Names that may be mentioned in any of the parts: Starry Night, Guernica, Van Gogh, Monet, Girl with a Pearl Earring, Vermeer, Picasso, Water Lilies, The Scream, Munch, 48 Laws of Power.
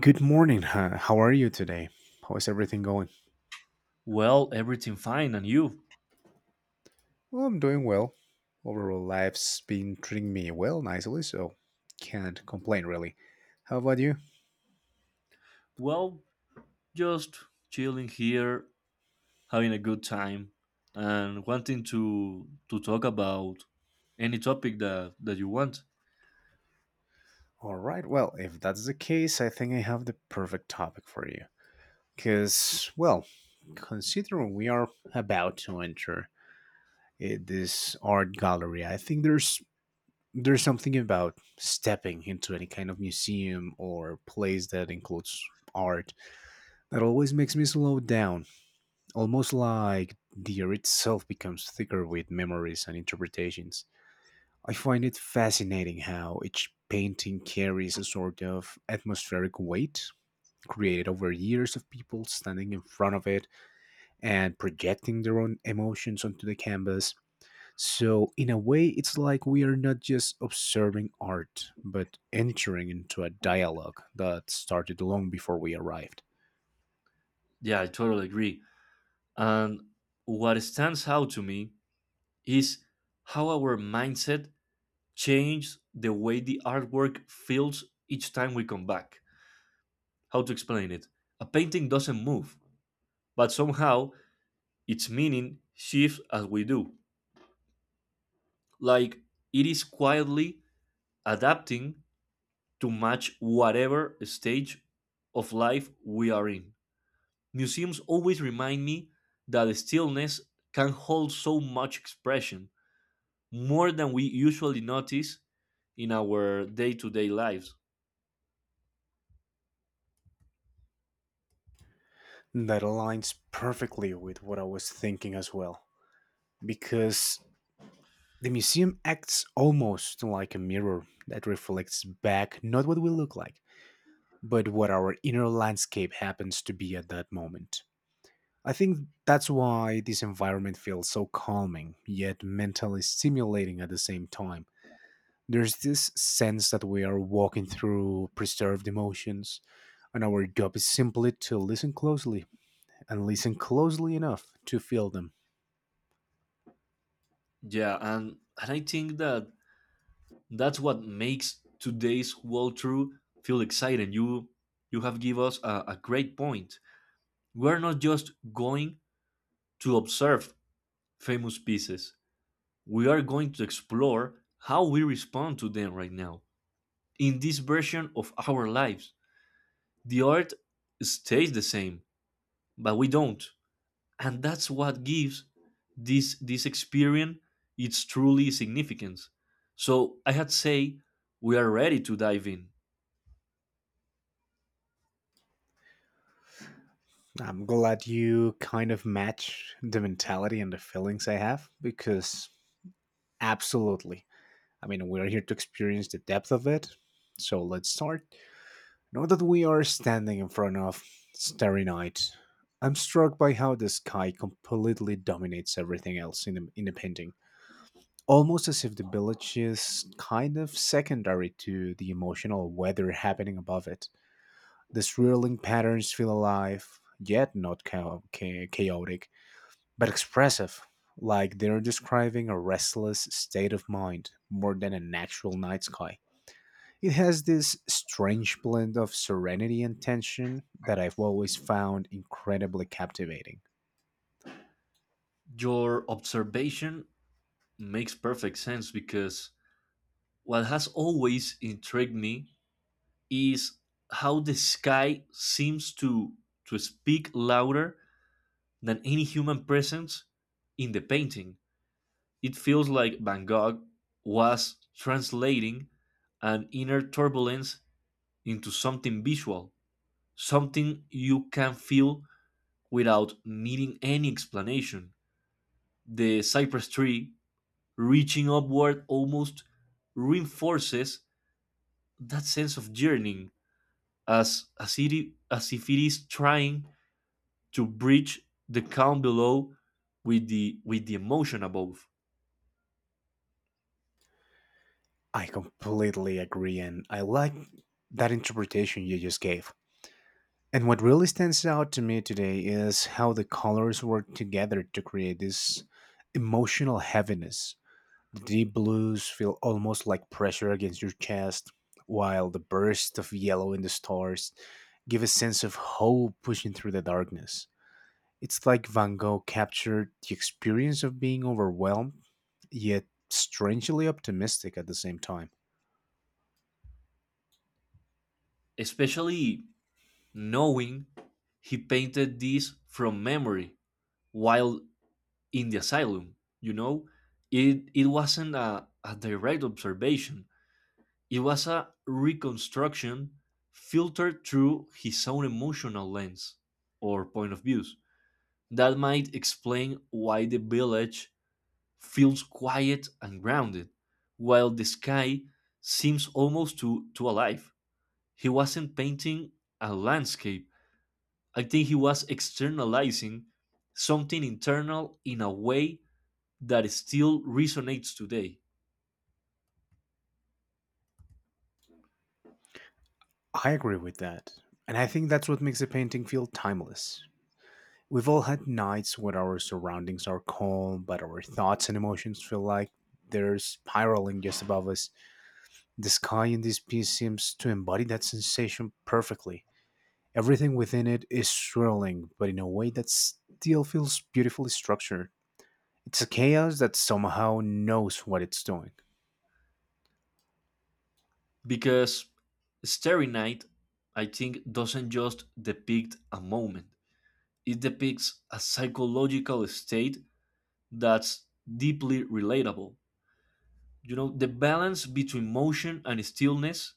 Good morning. Huh? How are you today? How is everything going? Well, everything fine, and you? Well, I'm doing well. Overall, life's been treating me well nicely, so can't complain really. How about you? Well, just chilling here, having a good time, and wanting to talk about any topic that you want. All right. Well, if that's the case, I think I have the perfect topic for you. Because, well, considering we are about to enter this art gallery, I think there's something about stepping into any kind of museum or place that includes art that always makes me slow down, almost like the air itself becomes thicker with memories and interpretations. I find it fascinating how each painting carries a sort of atmospheric weight created over years of people standing in front of it and projecting their own emotions onto the canvas. So, in a way, it's like we are not just observing art, but entering into a dialogue that started long before we arrived. Yeah, I totally agree. And what stands out to me is how our mindset changes the way the artwork feels each time we come back. How to explain it? A painting doesn't move, but somehow its meaning shifts as we do. Like it is quietly adapting to match whatever stage of life we are in. Museums always remind me that stillness can hold so much expression, more than we usually notice in our day-to-day lives. That aligns perfectly with what I was thinking as well. Because the museum acts almost like a mirror that reflects back not what we look like, but what our inner landscape happens to be at that moment. I think that's why this environment feels so calming, yet mentally stimulating at the same time. There's this sense that we are walking through preserved emotions, and our job is simply to listen closely, and listen closely enough to feel them. Yeah, and I think that that's what makes today's walkthrough feel exciting. You have give us a great point. We're not just going to observe famous pieces. We are going to explore how we respond to them right now in this version of our lives. The art stays the same, but we don't. And that's what gives this experience its truly significance. So I had say we are ready to dive in. I'm glad you kind of match the mentality and the feelings I have because absolutely. I mean, we're here to experience the depth of it. So let's start. Now that we are standing in front of Starry Night, I'm struck by how the sky completely dominates everything else in the painting. Almost as if the village is kind of secondary to the emotional weather happening above it. The swirling patterns feel alive, yet not chaotic but expressive, like they're describing a restless state of mind more than an actual night sky. It has this strange blend of serenity and tension that I've always found incredibly captivating. Your observation makes perfect sense because what has always intrigued me is how the sky seems to speak louder than any human presence in the painting. It feels like Van Gogh was translating an inner turbulence into something visual, something you can feel without needing any explanation. The cypress tree reaching upward almost reinforces that sense of yearning, as if it is trying to bridge the calm below with the emotion above, I completely agree, and I like that interpretation you just gave. And what really stands out to me today is how the colors work together to create this emotional heaviness. Deep blues feel almost like pressure against your chest, while the burst of yellow in the stars give a sense of hope pushing through the darkness. It's like Van Gogh captured the experience of being overwhelmed, yet strangely optimistic at the same time. especially knowing he painted this from memory while in the asylum. you know it wasn't a direct observation. It was a reconstruction filtered through his own emotional lens or point of views. That might explain why the village feels quiet and grounded while the sky seems almost too alive. He wasn't painting a landscape. I think he was externalizing something internal in a way that still resonates today. I agree with that, and I think that's what makes a painting feel timeless. We've all had nights when our surroundings are calm, but our thoughts and emotions feel like they're spiraling just above us. The sky in this piece seems to embody that sensation perfectly. Everything within it is swirling, but in a way that still feels beautifully structured. It's a chaos that somehow knows what it's doing. Because Starry Night, I think, doesn't just depict a moment, it depicts a psychological state that's deeply relatable. You know, the balance between motion and stillness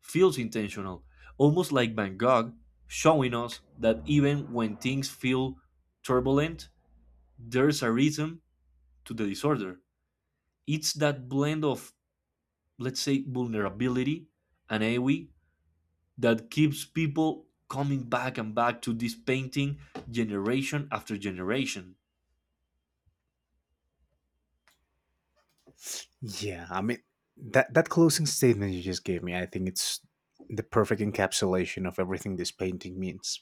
feels intentional, almost like Van Gogh showing us that even when things feel turbulent, there's a rhythm to the disorder. It's that blend of, let's say, vulnerability and awe that keeps people coming back and back to this painting generation after generation. Yeah, I mean that closing statement you just gave me, I think it's the perfect encapsulation of everything this painting means.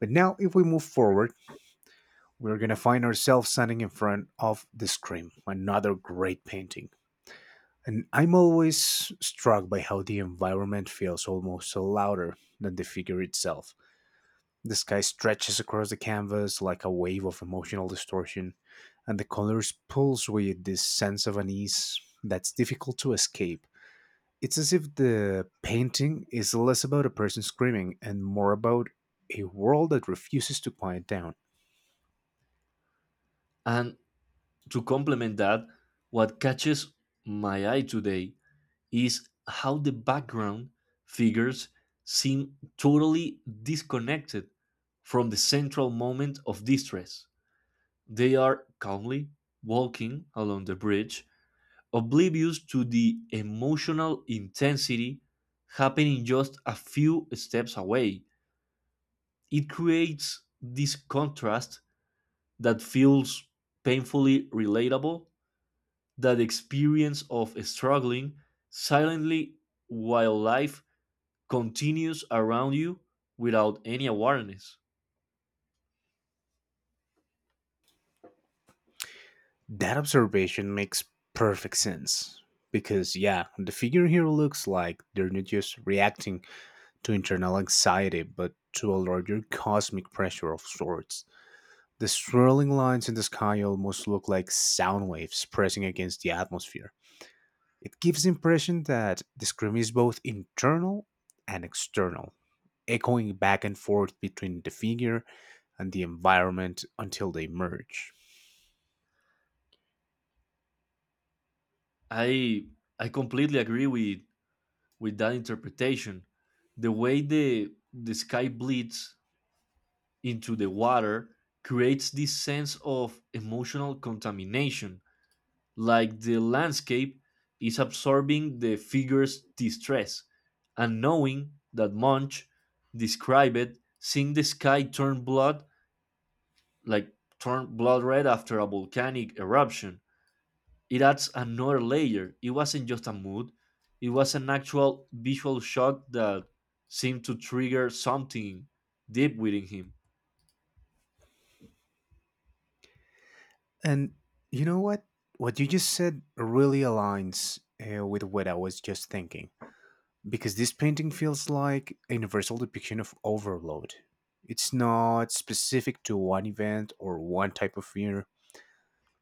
But now, if we move forward, we're gonna find ourselves standing in front of the Scream, another great painting. And I'm always struck by how the environment feels almost so louder than the figure itself. The sky stretches across the canvas like a wave of emotional distortion, and the colors pulse with this sense of unease that's difficult to escape. It's as if the painting is less about a person screaming and more about a world that refuses to quiet down. And to complement that, what catches my eye today is how the background figures seem totally disconnected from the central moment of distress. They are calmly walking along the bridge, oblivious to the emotional intensity happening just a few steps away. It creates this contrast that feels painfully relatable, that experience of struggling silently while life continues around you without any awareness. That observation makes perfect sense. Because, yeah, the figure here looks like they're not just reacting to internal anxiety, but to a larger cosmic pressure of sorts. The swirling lines in the sky almost look like sound waves pressing against the atmosphere. It gives the impression that the scream is both internal and external, echoing back and forth between the figure and the environment until they merge. I I completely agree with that interpretation. The way the sky bleeds into the water creates this sense of emotional contamination, like the landscape is absorbing the figure's distress. And knowing that Munch described it, seeing the sky like turn blood red after a volcanic eruption, it adds another layer. It wasn't just a mood, it was an actual visual shock that seemed to trigger something deep within him. And you know what? What you just said really aligns with what I was just thinking. Because this painting feels like a universal depiction of overload. It's not specific to one event or one type of fear.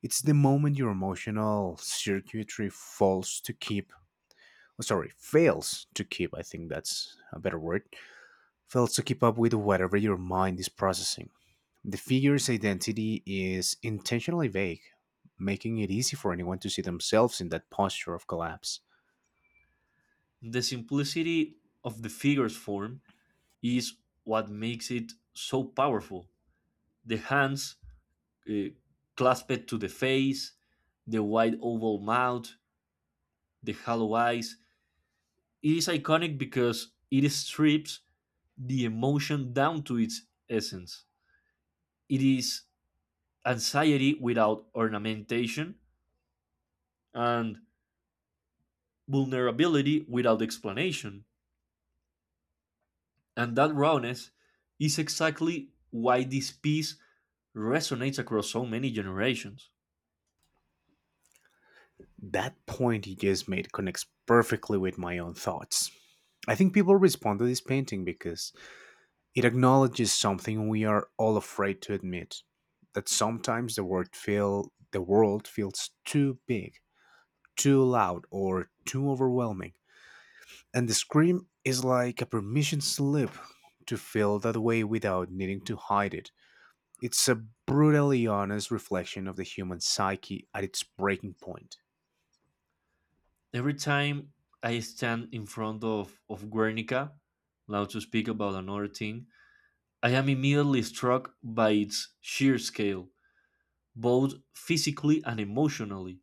It's the moment your emotional circuitry falls to keep, oh, sorry, fails to keep, I think that's a better word, fails to keep up with whatever your mind is processing. The figure's identity is intentionally vague, making it easy for anyone to see themselves in that posture of collapse. The simplicity of the figure's form is what makes it so powerful. The hands, uh, clasped to the face, the wide oval mouth, the hollow eyes. It is iconic because it strips the emotion down to its essence. It is anxiety without ornamentation and vulnerability without explanation. And that rawness is exactly why this piece resonates across so many generations. That point you just made connects perfectly with my own thoughts. I think people respond to this painting because it acknowledges something we are all afraid to admit that sometimes the world feels too big, too loud or too overwhelming. And the scream is like a permission slip to feel that way without needing to hide it. It's a brutally honest reflection of the human psyche at its breaking point. Every time I stand in front of Guernica, now to speak about another thing, I am immediately struck by its sheer scale, both physically and emotionally.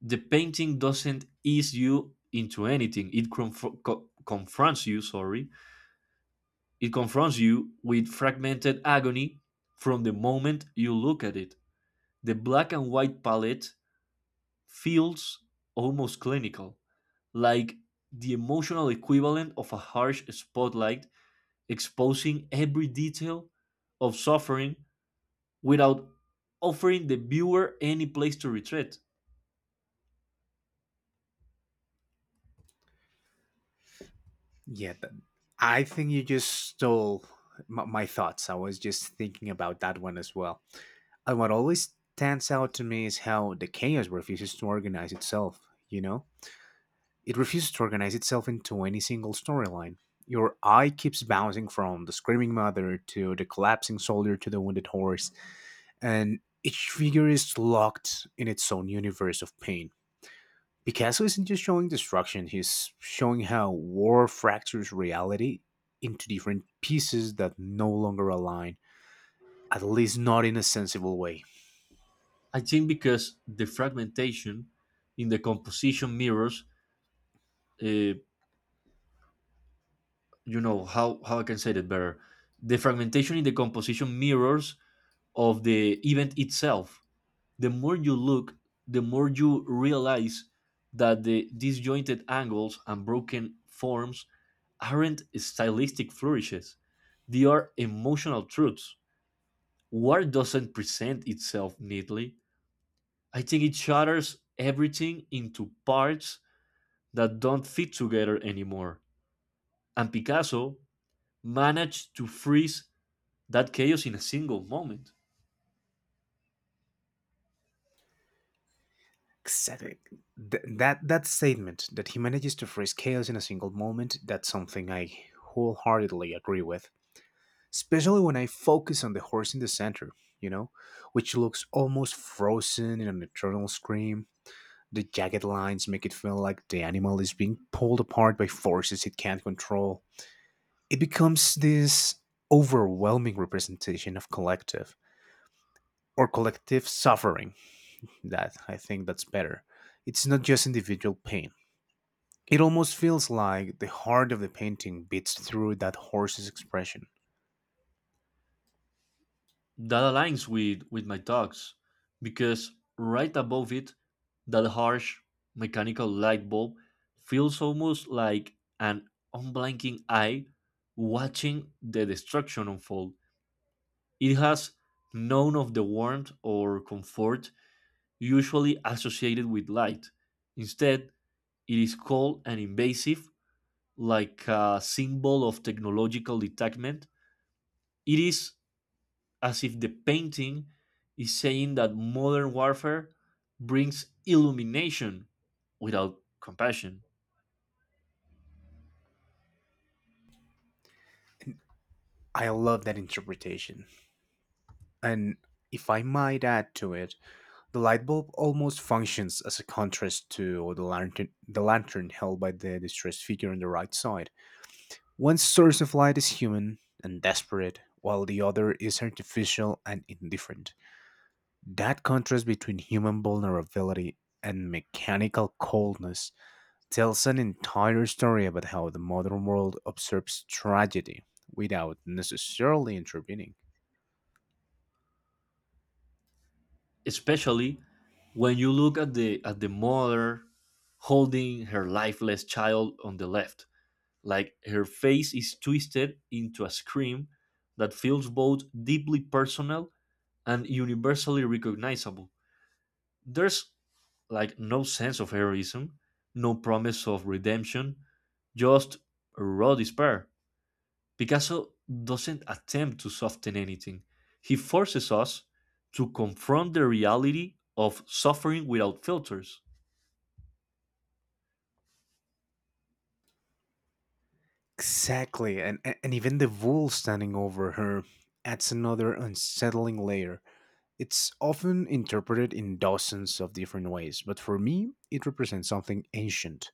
The painting doesn't ease you into anything. It confronts you, sorry. It confronts you with fragmented agony from the moment you look at it. The black and white palette feels almost clinical, like the emotional equivalent of a harsh spotlight exposing every detail of suffering without offering the viewer any place to retreat. Yeah, I think you just stole my thoughts. I was just thinking about that one as well. And what always stands out to me is how the chaos refuses to organize itself, you know? It refuses to organize itself into any single storyline. Your eye keeps bouncing from the screaming mother to the collapsing soldier to the wounded horse, and each figure is locked in its own universe of pain. Picasso isn't just showing destruction, he's showing how war fractures reality into different pieces that no longer align, at least not in a sensible way. I think because the fragmentation in the composition mirrors, uh, you know, how I can say that better? The fragmentation in the composition mirrors of the event itself. The more you look, the more you realize that the disjointed angles and broken forms aren't stylistic flourishes, they are emotional truths. War doesn't present itself neatly. I think it shatters everything into parts that don't fit together anymore. And Picasso managed to freeze that chaos in a single moment. Exactly. That statement, that he manages to phrase chaos in a single moment, that's something I wholeheartedly agree with. Especially when I focus on the horse in the center, you know, which looks almost frozen in an eternal scream. The jagged lines make it feel like the animal is being pulled apart by forces it can't control. It becomes this overwhelming representation of collective suffering. That I think that's better. It's not just individual pain. It almost feels like the heart of the painting beats through that horse's expression. That aligns with my thoughts because right above it, that harsh mechanical light bulb feels almost like an unblinking eye watching the destruction unfold. It has none of the warmth or comfort usually associated with light. Instead, it is cold and invasive, like a symbol of technological detachment. It is as if the painting is saying that modern warfare brings illumination without compassion, I love that interpretation. And if I might add to it, the light bulb almost functions as a contrast to the lantern held by the distressed figure on the right side. One source of light is human and desperate, while the other is artificial and indifferent. That contrast between human vulnerability and mechanical coldness tells an entire story about how the modern world observes tragedy without necessarily intervening. especially when you look at the mother holding her lifeless child on the left. Like her face is twisted into a scream that feels both deeply personal and universally recognizable. There's like no sense of heroism, no promise of redemption, just raw despair. Picasso doesn't attempt to soften anything. He forces us to confront the reality of suffering without filters. Exactly, and even the wool standing over her adds another unsettling layer. It's often interpreted in dozens of different ways, but for me, it represents something ancient,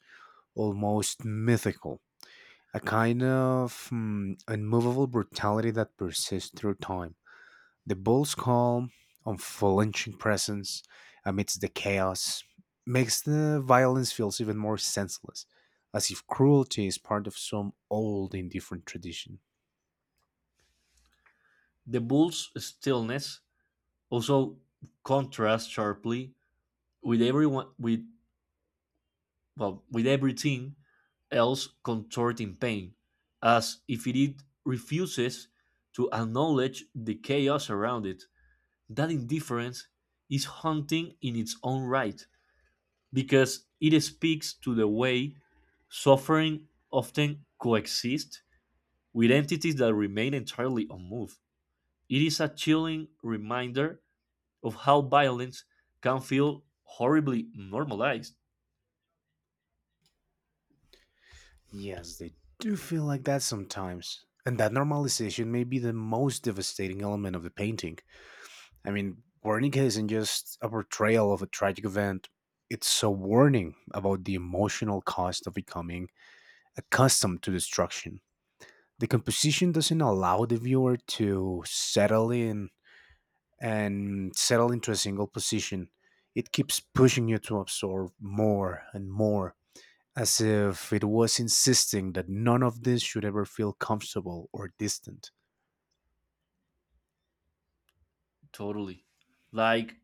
almost mythical, a kind of unmovable brutality that persists through time. The bull's calm, unflinching presence amidst the chaos makes the violence feels even more senseless, as if cruelty is part of some old indifferent tradition. The bull's stillness also contrasts sharply with everyone with well, with everything else contorting pain, as if it refuses to acknowledge the chaos around it. That indifference is haunting in its own right, because it speaks to the way suffering often coexists with entities that remain entirely unmoved. It is a chilling reminder of how violence can feel horribly normalized, Yes, they do feel like that sometimes. And that normalization may be the most devastating element of the painting. I mean, Wernicke isn't just a portrayal of a tragic event, it's a warning about the emotional cost of becoming accustomed to destruction. The composition doesn't allow the viewer to settle in and settle into a single position. It keeps pushing you to absorb more and more, as if it was insisting that none of this should ever feel comfortable or distant. totally. Like,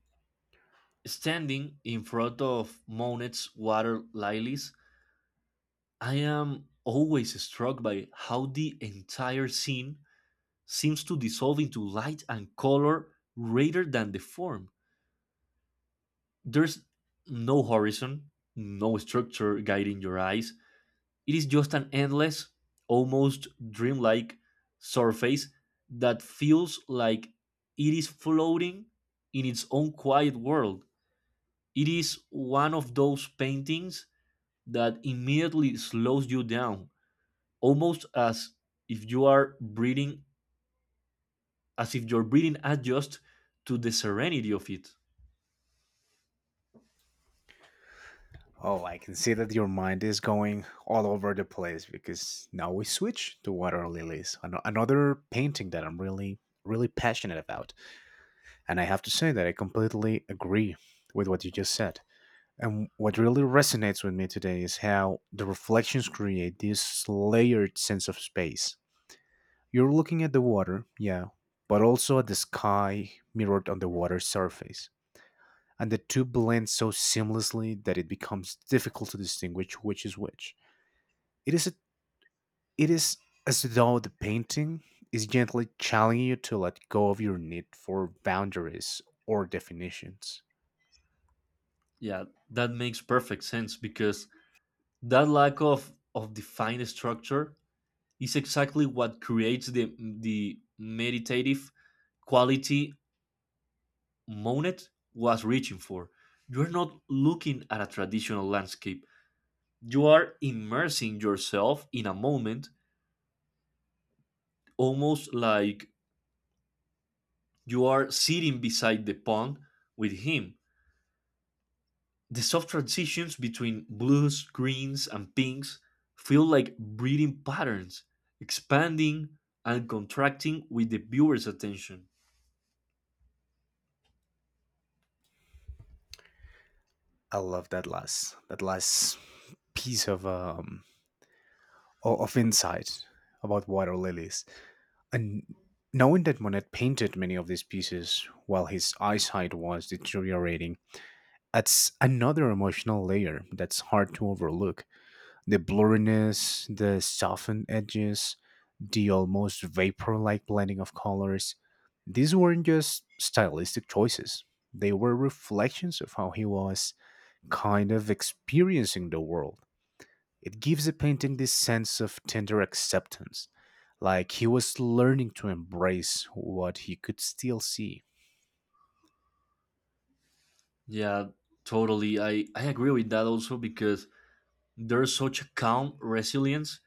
standing in front of Monet's water lilies, I am always struck by how the entire scene seems to dissolve into light and color rather than the form. There's no horizon, no structure guiding your eyes. It is just an endless, almost dreamlike surface that feels like it is floating in its own quiet world. It is one of those paintings that immediately slows you down, almost if you are breathing, as if your breathing adjusts to the serenity of it. Oh, I can see that your mind is going all over the place because now we switch to Water Lilies, another painting that I'm really, really passionate about. And I have to say that I completely agree with what you just said. And what really resonates with me today is how the reflections create this layered sense of space. You're looking at the water, yeah, but also at the sky mirrored on the water's surface. And the two blend so seamlessly that it becomes difficult to distinguish which is which. It is, a, it is as though the painting is gently challenging you to let go of your need for boundaries or definitions. Yeah, that makes perfect sense because that lack of defined structure is exactly what creates the meditative quality Monet was reaching for. You're not looking at a traditional landscape, you are immersing yourself in a moment, almost like you are sitting beside the pond with him. The soft transitions between blues, greens, and pinks feel like breathing patterns, expanding and contracting with the viewer's attention. I love that last piece of of insight about water lilies, and knowing that Monet painted many of these pieces while his eyesight was deteriorating, that's another emotional layer that's hard to overlook. The blurriness, the softened edges, the almost vapor like blending of colors. These weren't just stylistic choices, they were reflections of how he was kind of experiencing the world. It gives the painting this sense of tender acceptance, like he was learning to embrace what he could still see. Yeah, totally. I agree with that also because there's such a calm resilience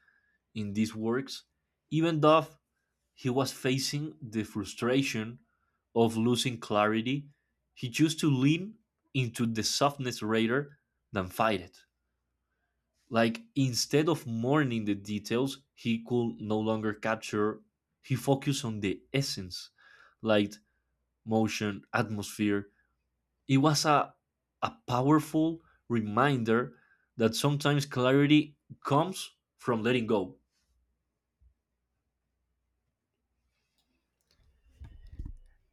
in these works. Even though he was facing the frustration of losing clarity, he chose to lean into the softness rather than fight it. Like, instead of mourning the details, he could no longer capture. He focused on the essence, light, motion, atmosphere. It was a powerful reminder that sometimes clarity comes from letting go.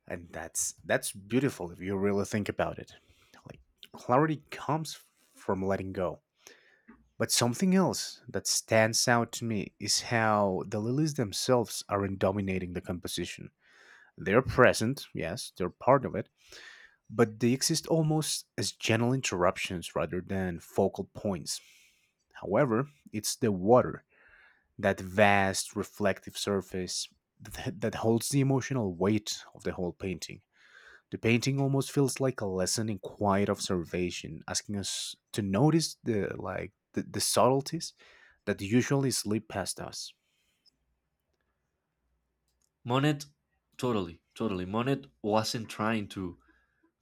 And that's beautiful if you really think about it. Like clarity comes from letting go. But something else that stands out to me is how the lilies themselves aren't dominating the composition. They're present, yes, they're part of it, but they exist almost as general interruptions rather than focal points. However, it's the water, that vast reflective surface, that holds the emotional weight of the whole painting. The painting almost feels like a lesson in quiet observation, asking us to notice the subtleties that usually slip past us. Monet, totally. Monet wasn't trying to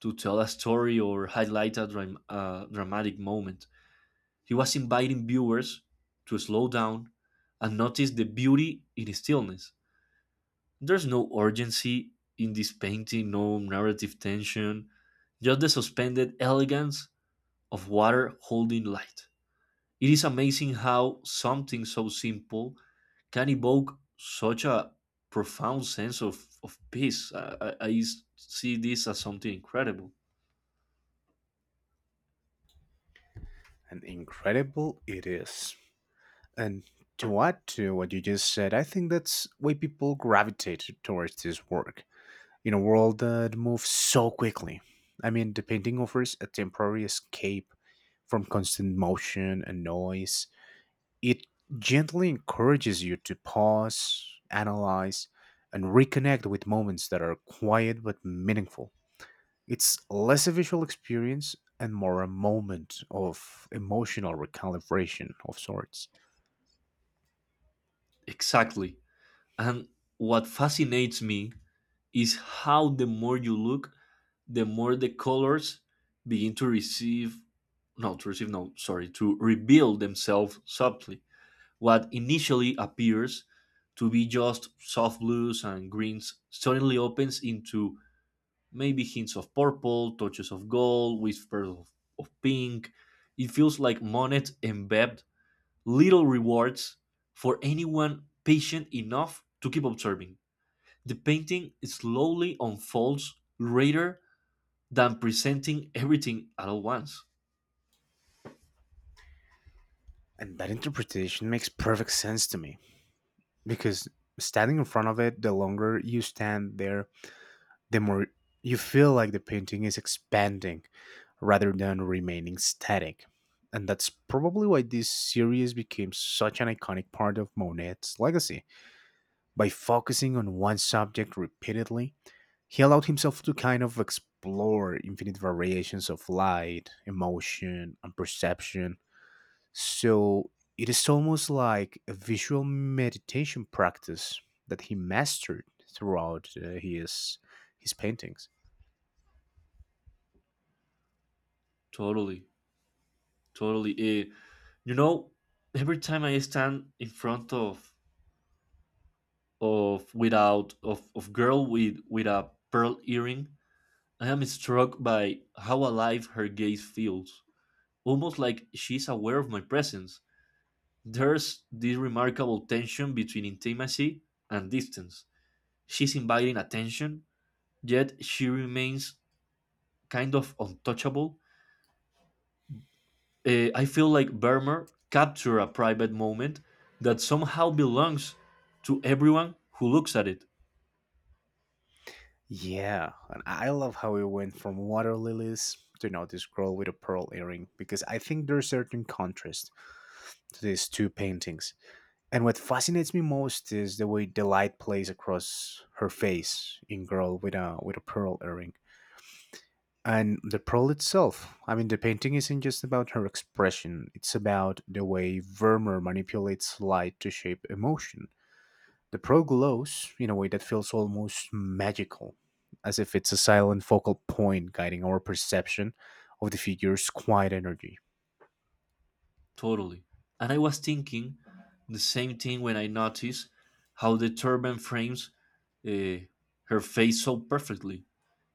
to tell a story or highlight a dramatic moment. He was inviting viewers to slow down and notice the beauty in stillness. There's no urgency in this painting, no narrative tension, just the suspended elegance of water holding light. It is amazing how something so simple can evoke such a profound sense of peace. I see this as something incredible. And incredible it is. And to add to what you just said, I think that's why people gravitate towards this work. In a world that moves so quickly. I mean the painting offers a temporary escape from constant motion and noise. It gently encourages you to pause, analyze, and reconnect with moments that are quiet but meaningful. It's less a visual experience and more a moment of emotional recalibration of sorts. Exactly. And what fascinates me is how the more you look, the more the colors begin to receive no sorry to reveal themselves subtly. What initially appears to be just soft blues and greens suddenly opens into maybe hints of purple, touches of gold, whispers of pink. It feels like Monet embedded little rewards for anyone patient enough to keep observing. The painting slowly unfolds greater than presenting everything at all once. And that interpretation makes perfect sense to me because standing in front of it, the longer you stand there, the more you feel like the painting is expanding rather than remaining static. And that's probably why this series became such an iconic part of Monet's legacy. By focusing on one subject repeatedly, he allowed himself to kind of explore infinite variations of light, emotion, and perception. So it is almost like a visual meditation practice that he mastered throughout his paintings. Totally, totally. You know, every time I stand in front of without of of girl with a pearl earring, I am struck by how alive her gaze feels, almost like she's aware of my presence. There's this remarkable tension between intimacy and distance. She's inviting attention, yet she remains kind of untouchable. I feel like Vermeer captured a private moment that somehow belongs to everyone who looks at it. Yeah, and I love how we went from water lilies to now this girl with a pearl earring because I think there's certain contrast to these two paintings. And what fascinates me most is the way the light plays across her face in girl with a pearl earring. And the pearl itself, I mean, the painting isn't just about her expression, it's about the way Vermeer manipulates light to shape emotion. The pro glows in a way that feels almost magical, as if it's a silent focal point guiding our perception of the figure's quiet energy. Totally. And I was thinking the same thing when I noticed how the turban frames, uh, her face so perfectly.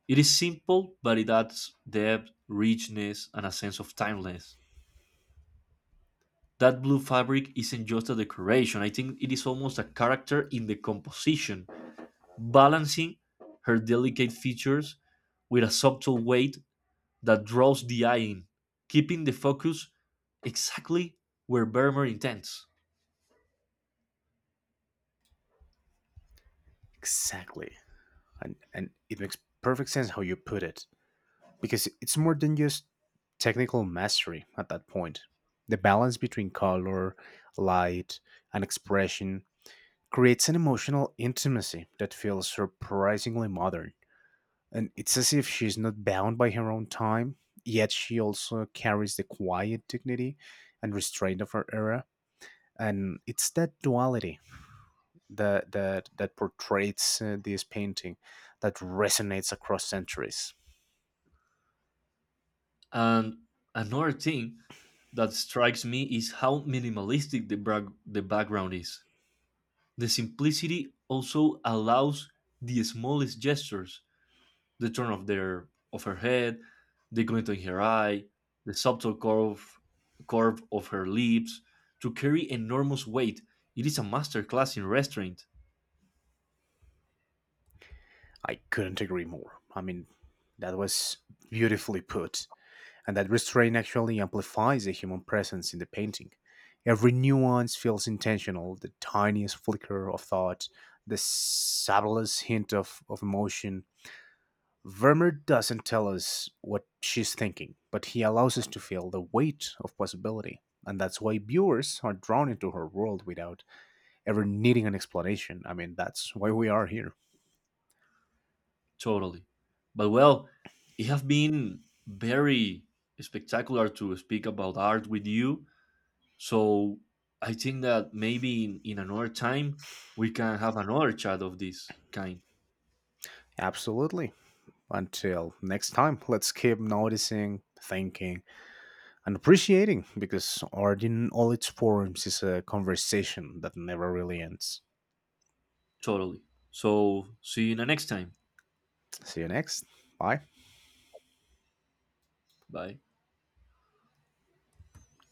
It is simple, but it adds depth, richness, and a sense of timeless. That blue fabric isn't just a decoration, I think it is almost a character in the composition balancing her delicate features with a subtle weight that draws the eye in, keeping the focus exactly where Vermeer intends. Exactly. And it makes perfect sense how you put it, because it's more than just technical mastery at that point. The balance between color, light, and expression creates an emotional intimacy that feels surprisingly modern. And it's as if she's not bound by her own time, yet she also carries the quiet dignity and restraint of her era. And it's that duality that portrays this painting that resonates across centuries. And another thing that strikes me is how minimalistic the background is. The simplicity also allows the smallest gestures, the turn of their of her head, the glint in her eye, the subtle curve of her lips to carry enormous weight. It is a masterclass in restraint, I couldn't agree more. I mean, that was beautifully put. And that restraint actually amplifies the human presence in the painting. Every nuance feels intentional, the tiniest flicker of thought, the subtlest hint of emotion. Vermeer doesn't tell us what she's thinking, but he allows us to feel the weight of possibility. And that's why viewers are drawn into her world without ever needing an explanation. I mean, that's why we are here. totally. But well, it has been very spectacular to speak about art with you. So I think that maybe in another time we can have another chat of this kind, Absolutely. Until next time, let's keep noticing, thinking, and appreciating because art in all its forms is a conversation that never really ends. totally. So see you in the next time. See you next. Bye. Bye.